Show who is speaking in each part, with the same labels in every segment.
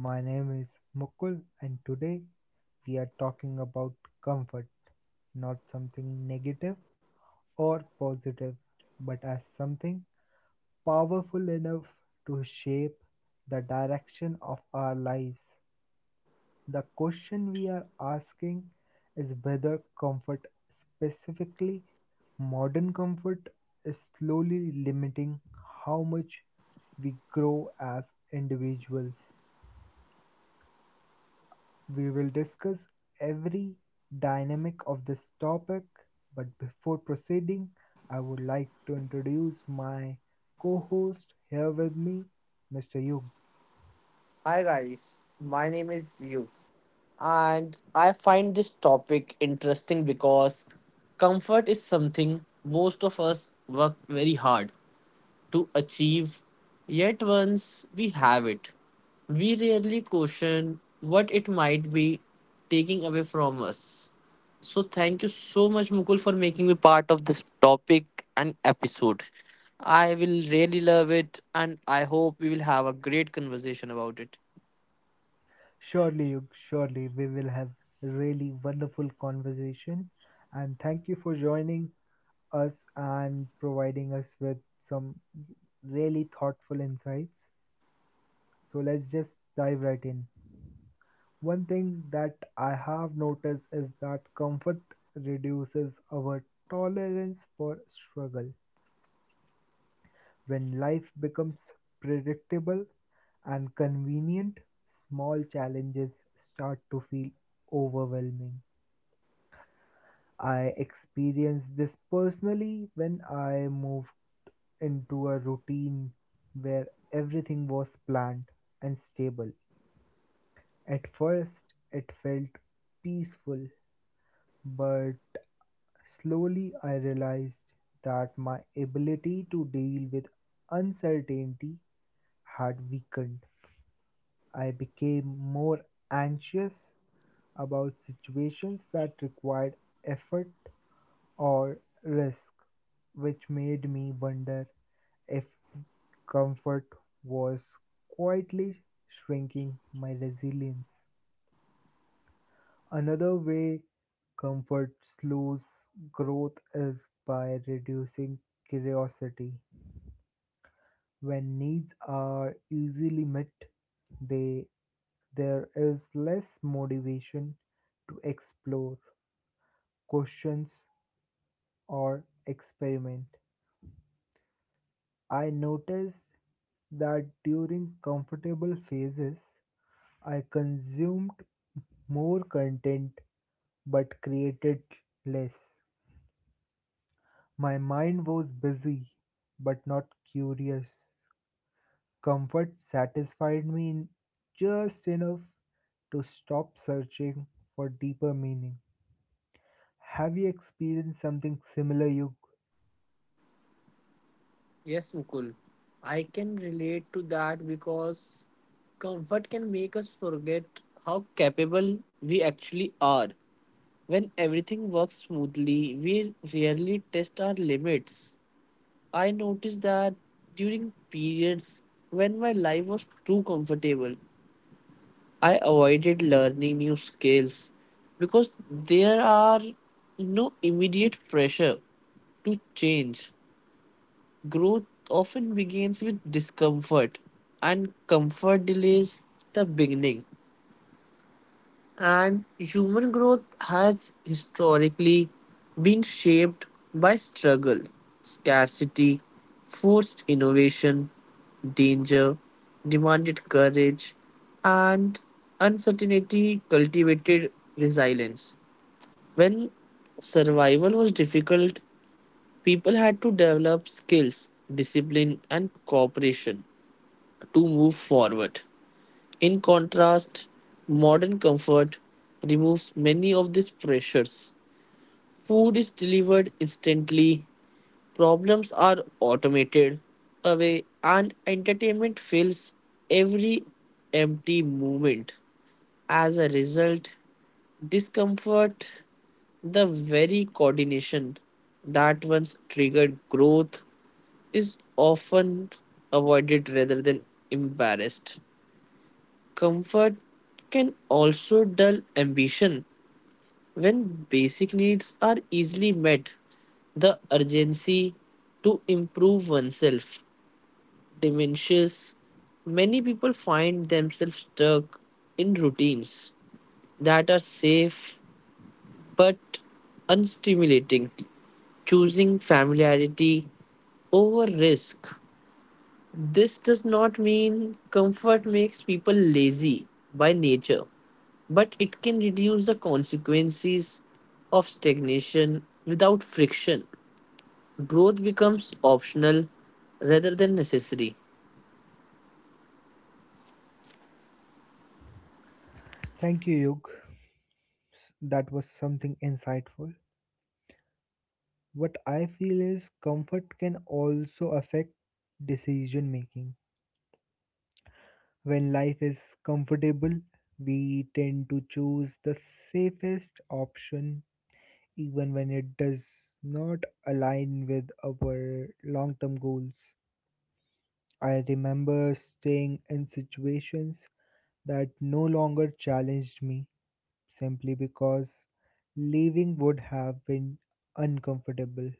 Speaker 1: My name is Mukul and today we are talking about comfort, not something negative or positive, but as something powerful enough to shape the direction of our lives. The question we are asking is whether comfort, specifically modern comfort, is slowly limiting how much we grow as individuals. We will discuss every dynamic of this topic, but before proceeding, I would like to introduce my co host here with me, Mr. Yug.
Speaker 2: Hi guys, my name is Yu, and I find this topic interesting because comfort is something most of us work very hard to achieve, yet once we have it, we rarely question what it might be taking away from us. So thank you so much Mukul for making me part of this topic and episode. I will really love it, and I hope we will have a great conversation about it.
Speaker 1: Surely, Yug, surely we will have really wonderful conversation. And thank you for joining us and providing us with some really thoughtful insights. So let's just dive right in. One thing that I have noticed is that comfort reduces our tolerance for struggle. When life becomes predictable and convenient, small challenges start to feel overwhelming. I experienced this personally when I moved into a routine where everything was planned and stable. At first, it felt peaceful, but slowly I realized that my ability to deal with uncertainty had weakened. I became more anxious about situations that required effort or risk, which made me wonder if comfort was quietly shrinking my resilience. Another way comfort slows growth is by reducing curiosity. When needs are easily met, they there is less motivation to explore, questions, or experiment. I noticed that during comfortable phases, I consumed more content but created less. My mind was busy but not curious. Comfort satisfied me in just enough to stop searching for deeper meaning. Have you experienced something similar, Yug?
Speaker 2: Yes, Mukul. I can relate to that because comfort can make us forget how capable we actually are. When everything works smoothly, we rarely test our limits. I noticed that during periods when my life was too comfortable, I avoided learning new skills because there are no immediate pressure to change. Growth often begins with discomfort, and comfort delays the beginning. And human growth has historically been shaped by struggle, scarcity, forced innovation, danger, demanded courage, and uncertainty cultivated resilience. When survival was difficult, people had to develop skills, discipline, and cooperation to move forward. In contrast, modern comfort removes many of these pressures. Food is delivered instantly, problems are automated away, and entertainment fills every empty moment. As a result, discomfort, the very coordination that once triggered growth, is often avoided rather than embarrassed. Comfort can also dull ambition when basic needs are easily met. The urgency to improve oneself diminishes. Many people find themselves stuck in routines that are safe but unstimulating, choosing familiarity over risk. This does not mean comfort makes people lazy by nature, but it can reduce the consequences of stagnation without friction. Growth becomes optional rather than necessary.
Speaker 1: Thank you, Yug. That was something insightful. What I feel is comfort can also affect decision making. When life is comfortable, we tend to choose the safest option even when it does not align with our long term goals. I remember staying in situations that no longer challenged me simply because leaving would have been uncomfortable.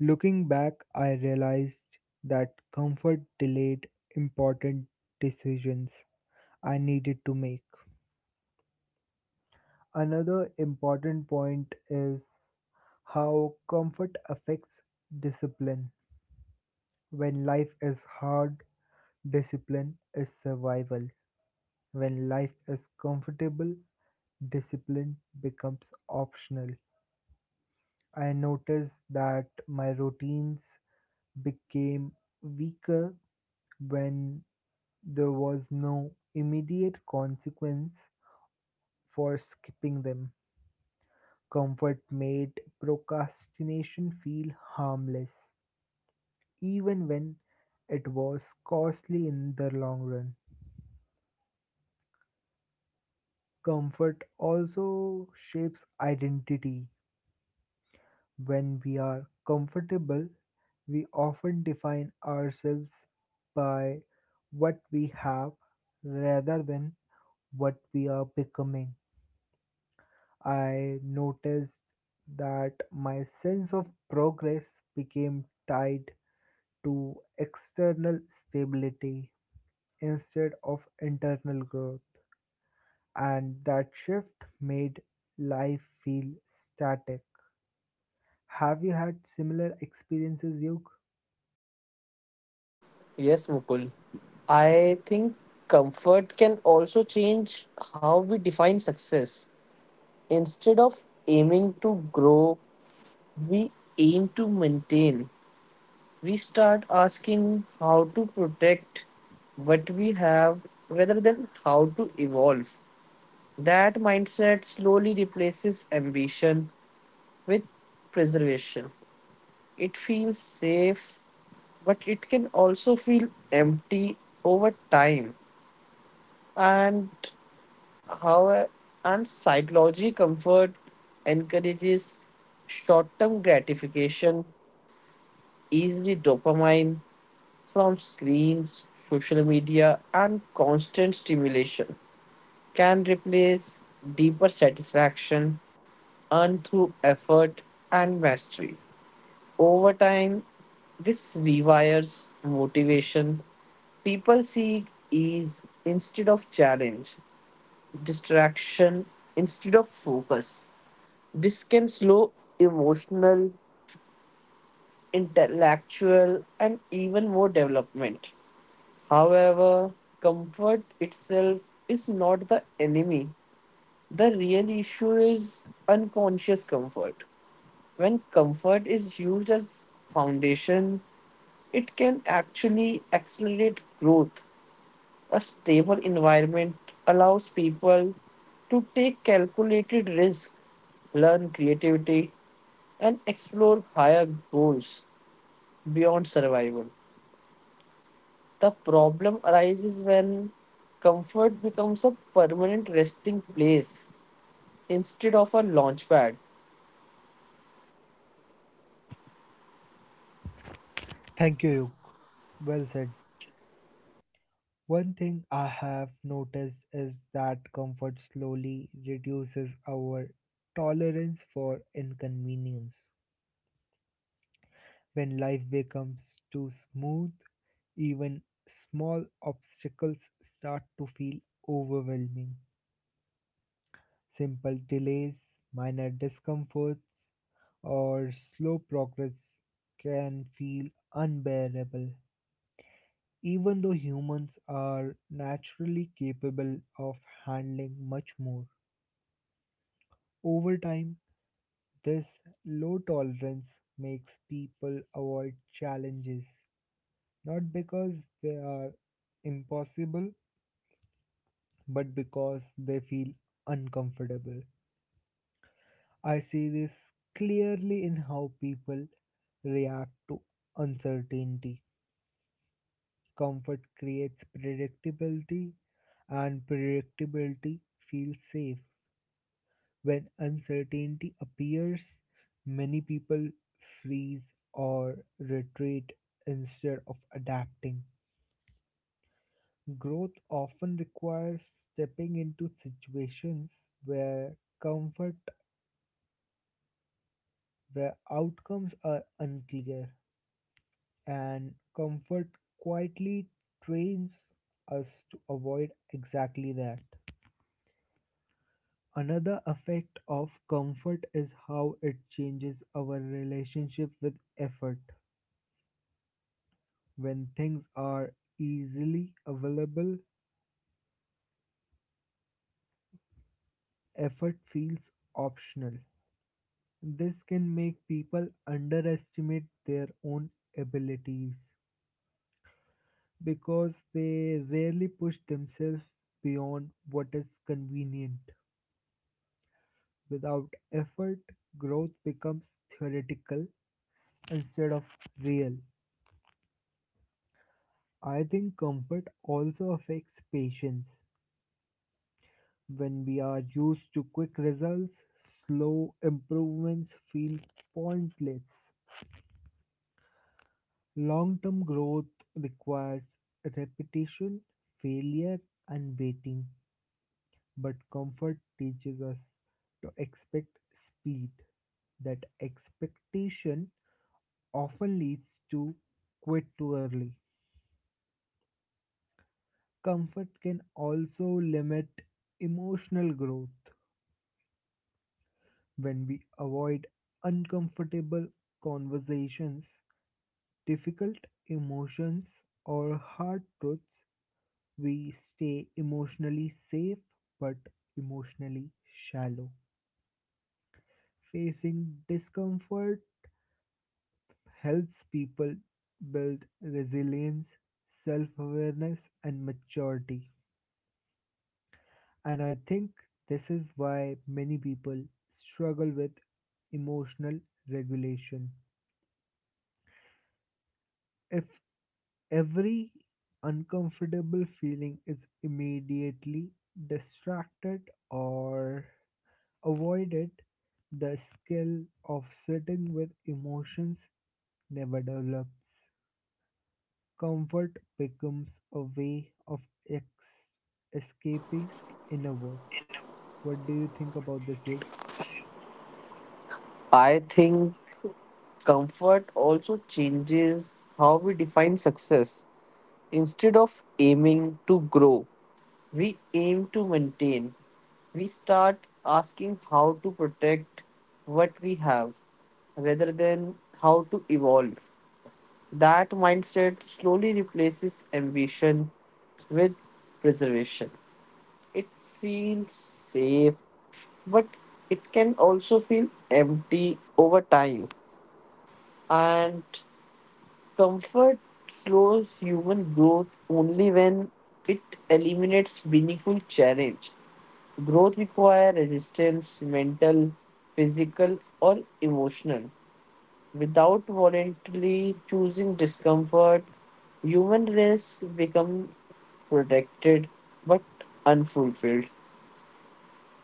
Speaker 1: Looking back, I realized that comfort delayed important decisions I needed to make. Another important point is how comfort affects discipline. When life is hard, discipline is survival. When life is comfortable, discipline becomes optional. I noticed that my routines became weaker when there was no immediate consequence for skipping them. Comfort made procrastination feel harmless, even when it was costly in the long run. Comfort also shapes identity. When we are comfortable, we often define ourselves by what we have rather than what we are becoming. I noticed that my sense of progress became tied to external stability instead of internal growth, and that shift made life feel static. Have you had similar experiences, Yug?
Speaker 2: Yes, Mukul. I think comfort can also change how we define success. Instead of aiming to grow, we aim to maintain, we start asking how to protect what we have rather than how to evolve. That mindset slowly replaces ambition with preservation. It feels safe, but it can also feel empty over time. And how and psychology comfort encourages short-term gratification, easily dopamine, from screens, social media, and constant stimulation can replace deeper satisfaction earned through effort and mastery. Over time, this rewires motivation. People seek ease instead of challenge, distraction instead of focus. This can slow emotional, intellectual, and even more development. However, comfort itself is not the enemy. The real issue is unconscious comfort. When comfort is used as foundation, it can actually accelerate growth. A stable environment allows people to take calculated risks, learn creativity, and explore higher goals beyond survival. The problem arises when comfort becomes a permanent resting place instead of a launch pad.
Speaker 1: Thank you, Yug. Well said. One thing I have noticed is that comfort slowly reduces our tolerance for inconvenience. When life becomes too smooth, even small obstacles start to feel overwhelming. Simple delays, minor discomforts, or slow progress can feel unbearable. Even though humans are naturally capable of handling much more. Over time, this low tolerance makes people avoid challenges, not because they are impossible, but because they feel uncomfortable. I see this clearly in how people react to uncertainty. Comfort creates predictability, and predictability feels safe. When uncertainty appears, many people freeze or retreat instead of adapting. Growth often requires stepping into situations where comfort, where outcomes are unclear, and comfort quietly trains us to avoid exactly that. Another effect of comfort is how it changes our relationship with effort. When things are easily available, effort feels optional. This can make people underestimate their own abilities because they rarely push themselves beyond what is convenient. Without effort, growth becomes theoretical instead of real. I think comfort also affects patience. When we are used to quick results, slow improvements feel pointless. Long term growth requires repetition, failure, and waiting, but comfort teaches us to expect speed. That expectation often leads to quit too early. Comfort can also limit emotional growth when we avoid uncomfortable conversations, difficult emotions, or hard truths. We stay emotionally safe but emotionally shallow. Facing discomfort helps people build resilience, self awareness, and maturity. And I think this is why many people struggle with emotional regulation. If Every uncomfortable feeling is immediately distracted or avoided. The skill of sitting with emotions never develops. Comfort becomes a way of ex- escaping inner work. What do you think about this, Yug?
Speaker 2: I think comfort also changes how we define success. Instead of aiming to grow, we aim to maintain. We start asking how to protect what we have rather than how to evolve. That mindset slowly replaces ambition with preservation. It feels safe, but it can also feel empty over time. And comfort slows human growth only when it eliminates meaningful challenge. Growth requires resistance, mental, physical, or emotional. Without voluntarily choosing discomfort, human race become protected but unfulfilled.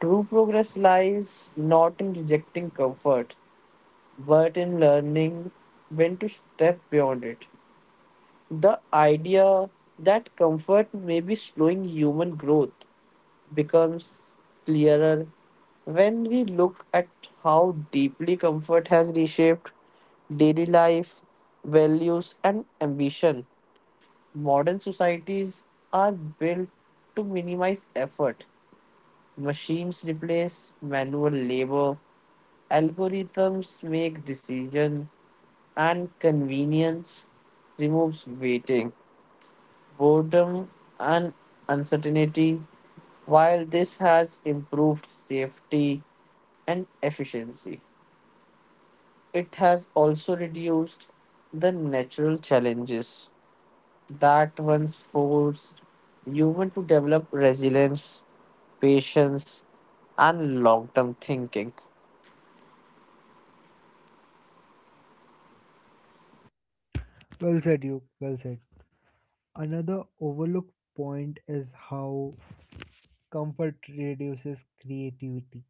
Speaker 2: True progress lies not in rejecting comfort, but in learning when to step beyond it. The idea that comfort may be slowing human growth becomes clearer when we look at how deeply comfort has reshaped daily life, values, and ambition. Modern societies are built to minimize effort. Machines replace manual labor, algorithms make decision, and convenience removes waiting, boredom, and uncertainty. While this has improved safety and efficiency, it has also reduced the natural challenges that once forced human to develop resilience, patience, and long-term thinking.
Speaker 1: Well said, Yug. Well said. Another overlooked point is how comfort reduces creativity.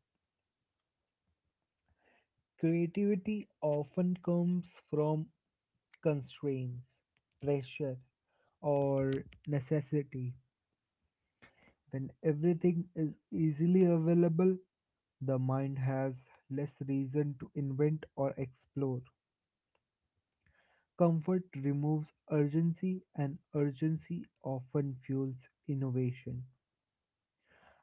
Speaker 1: Creativity often comes from constraints, pressure, or necessity. When everything is easily available, the mind has less reason to invent or explore. Comfort removes urgency, and urgency often fuels innovation.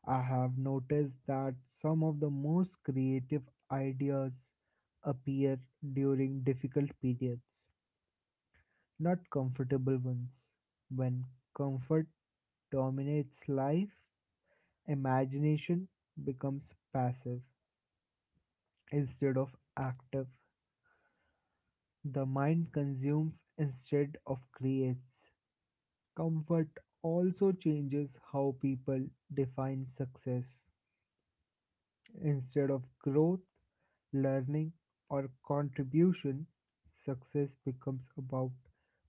Speaker 1: I have noticed that some of the most creative ideas appear during difficult periods not comfortable ones. When comfort dominates life, imagination becomes passive instead of active. The mind consumes instead of creates. Comfort also changes how people define success. Instead of growth, learning, or contribution, success becomes about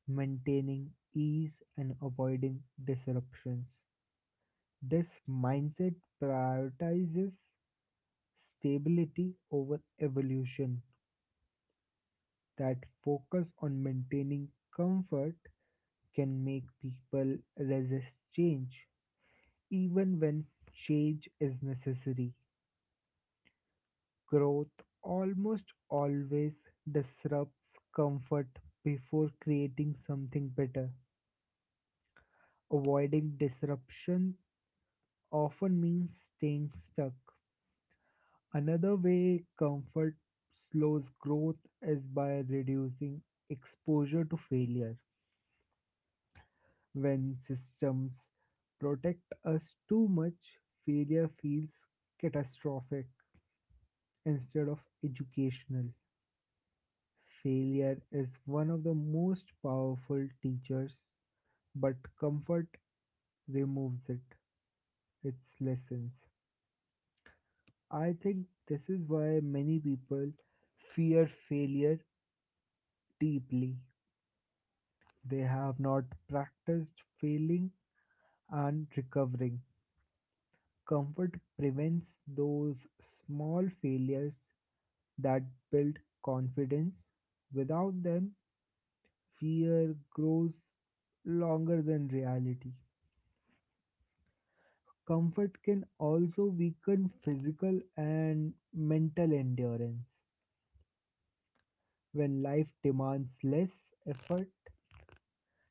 Speaker 1: maintaining ease and avoiding disruptions. This mindset prioritizes stability over evolution. That focus on maintaining comfort can make people resist change, even when change is necessary. Growth almost always disrupts comfort before creating something better. Avoiding disruption often means staying stuck. Another way comfort slows growth is by reducing exposure to failure. When systems protect us too much, failure feels catastrophic instead of educational. Failure is one of the most powerful teachers, but comfort removes its lessons. I think this is why many people fear failure deeply. They have not practiced failing and recovering. Comfort prevents those small failures that build confidence. Without them, fear grows longer than reality. Comfort can also weaken physical and mental endurance. When life demands less effort,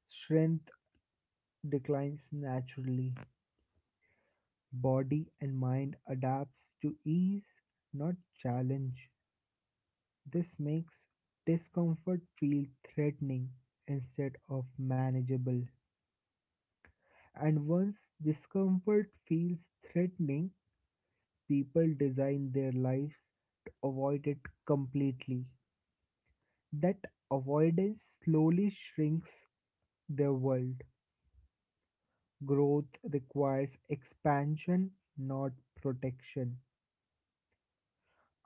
Speaker 1: strength declines naturally. Body and mind adapts to ease, not challenge. This makes discomfort feel threatening instead of manageable. And once discomfort feels threatening, people design their lives to avoid it completely. That avoidance slowly shrinks their world. Growth requires expansion, not protection.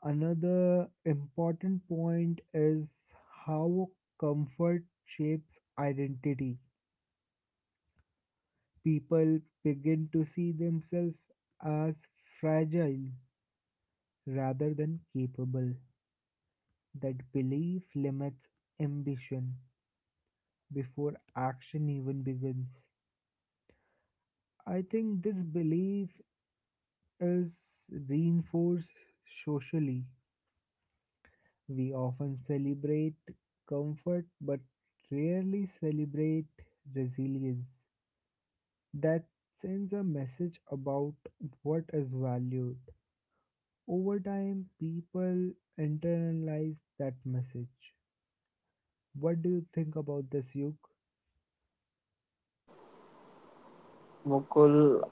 Speaker 1: Another important point is how comfort shapes identity. People begin to see themselves as fragile rather than capable. That belief limits ambition before action even begins. I think this belief is reinforced socially. We often celebrate comfort but rarely celebrate resilience. That sends a message about what is valued. Over time, people internalize that message. What do you think about this, Yuk?
Speaker 2: Mukul,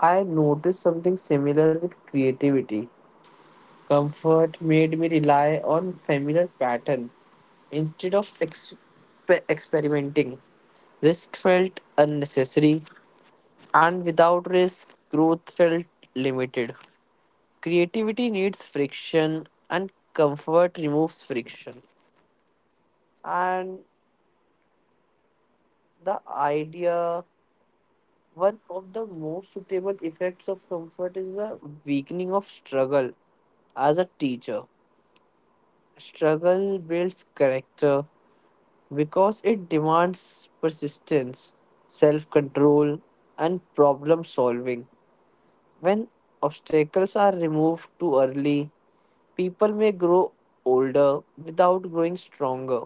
Speaker 2: I noticed something similar with creativity. Comfort made me rely on familiar pattern instead of experimenting. Risk felt unnecessary, and without risk, growth felt limited. Creativity needs friction, and comfort removes friction. And the idea, one of the most suitable effects of comfort is the weakening of struggle as a teacher. Struggle builds character, because it demands persistence, self control, and problem solving. When obstacles are removed too early, people may grow older without growing stronger.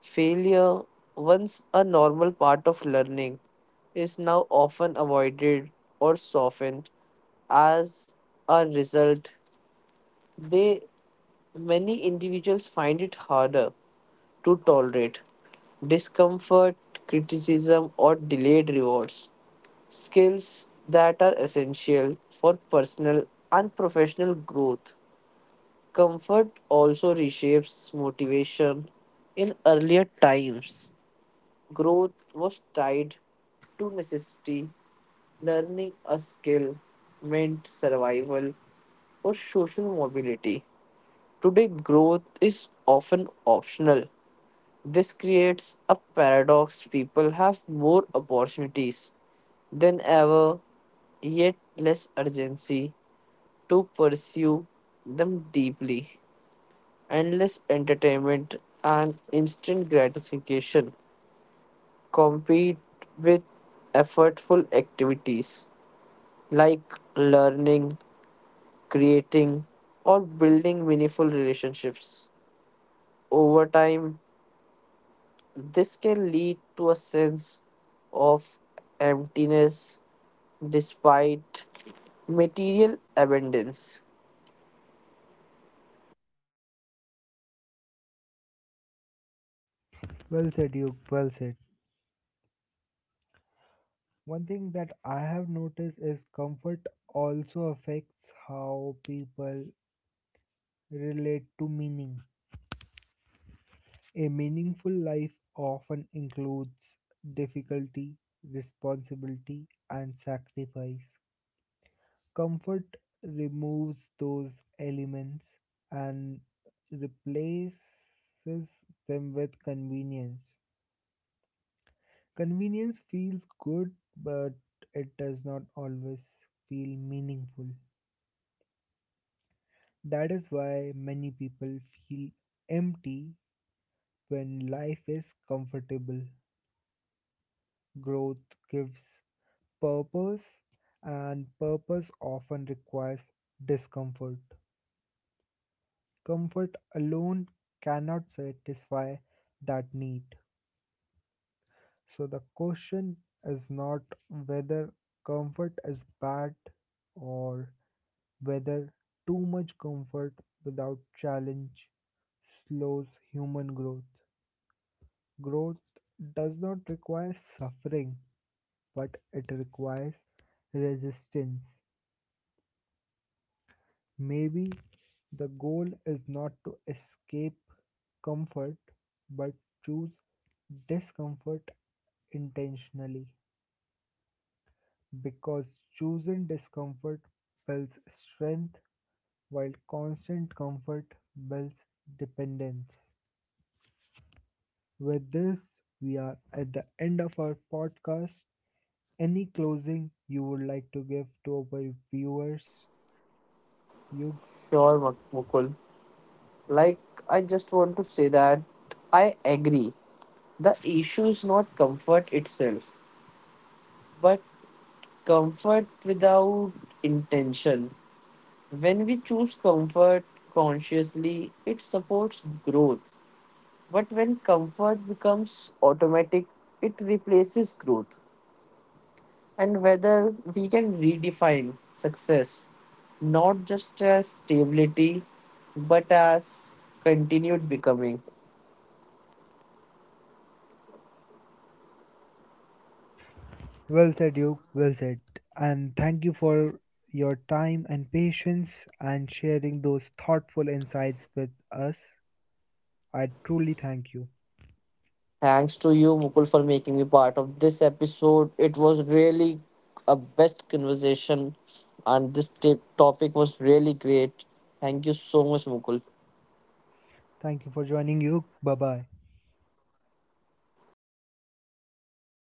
Speaker 2: Failure, once a normal part of learning, is now often avoided or softened. As a result, they many individuals find it harder to tolerate discomfort, criticism, or delayed rewards. Skills that are essential for personal and professional growth. Comfort also reshapes motivation. In earlier times, growth was tied to necessity. Learning a skill meant survival or social mobility. Today, growth is often optional. This creates a paradox. People have more opportunities than ever, yet less urgency to pursue them deeply. Endless entertainment and instant gratification compete with effortful activities like learning, creating, or building meaningful relationships. Over time, this can lead to a sense of emptiness despite material abundance.
Speaker 1: Well said, Yuk. Well said. One thing that I have noticed is comfort also affects how people relate to meaning. A meaningful life often includes difficulty, responsibility, and sacrifice. Comfort removes those elements and replaces them with convenience. Convenience feels good, but it does not always feel meaningful. That is why many people feel empty when life is comfortable. Growth gives purpose and purpose often requires discomfort. Comfort alone cannot satisfy that need. So the question is not whether comfort is bad or whether too much comfort without challenge slows human growth. Growth does not require suffering, but it requires resistance. Maybe the goal is not to escape comfort, but choose discomfort intentionally, because choosing discomfort builds strength while constant comfort builds dependence. With this, we are at the end of our podcast. Any closing you would like to give to our viewers, Yug?
Speaker 2: Sure, Mukul. Like, I just want to say that I agree. The issue is not comfort itself, but comfort without intention. When we choose comfort consciously, it supports growth. But when comfort becomes automatic, it replaces growth, and whether we can redefine success not just as stability but as continued becoming.
Speaker 1: Well said, Duke. Well said. And thank you for your time and patience and sharing those thoughtful insights with us. I truly thank you.
Speaker 2: Thanks to you, Mukul, for making me part of this episode. It was really a best conversation, and this tip topic was really great. Thank you so much, Mukul.
Speaker 1: Thank you for joining, Duke. Bye bye.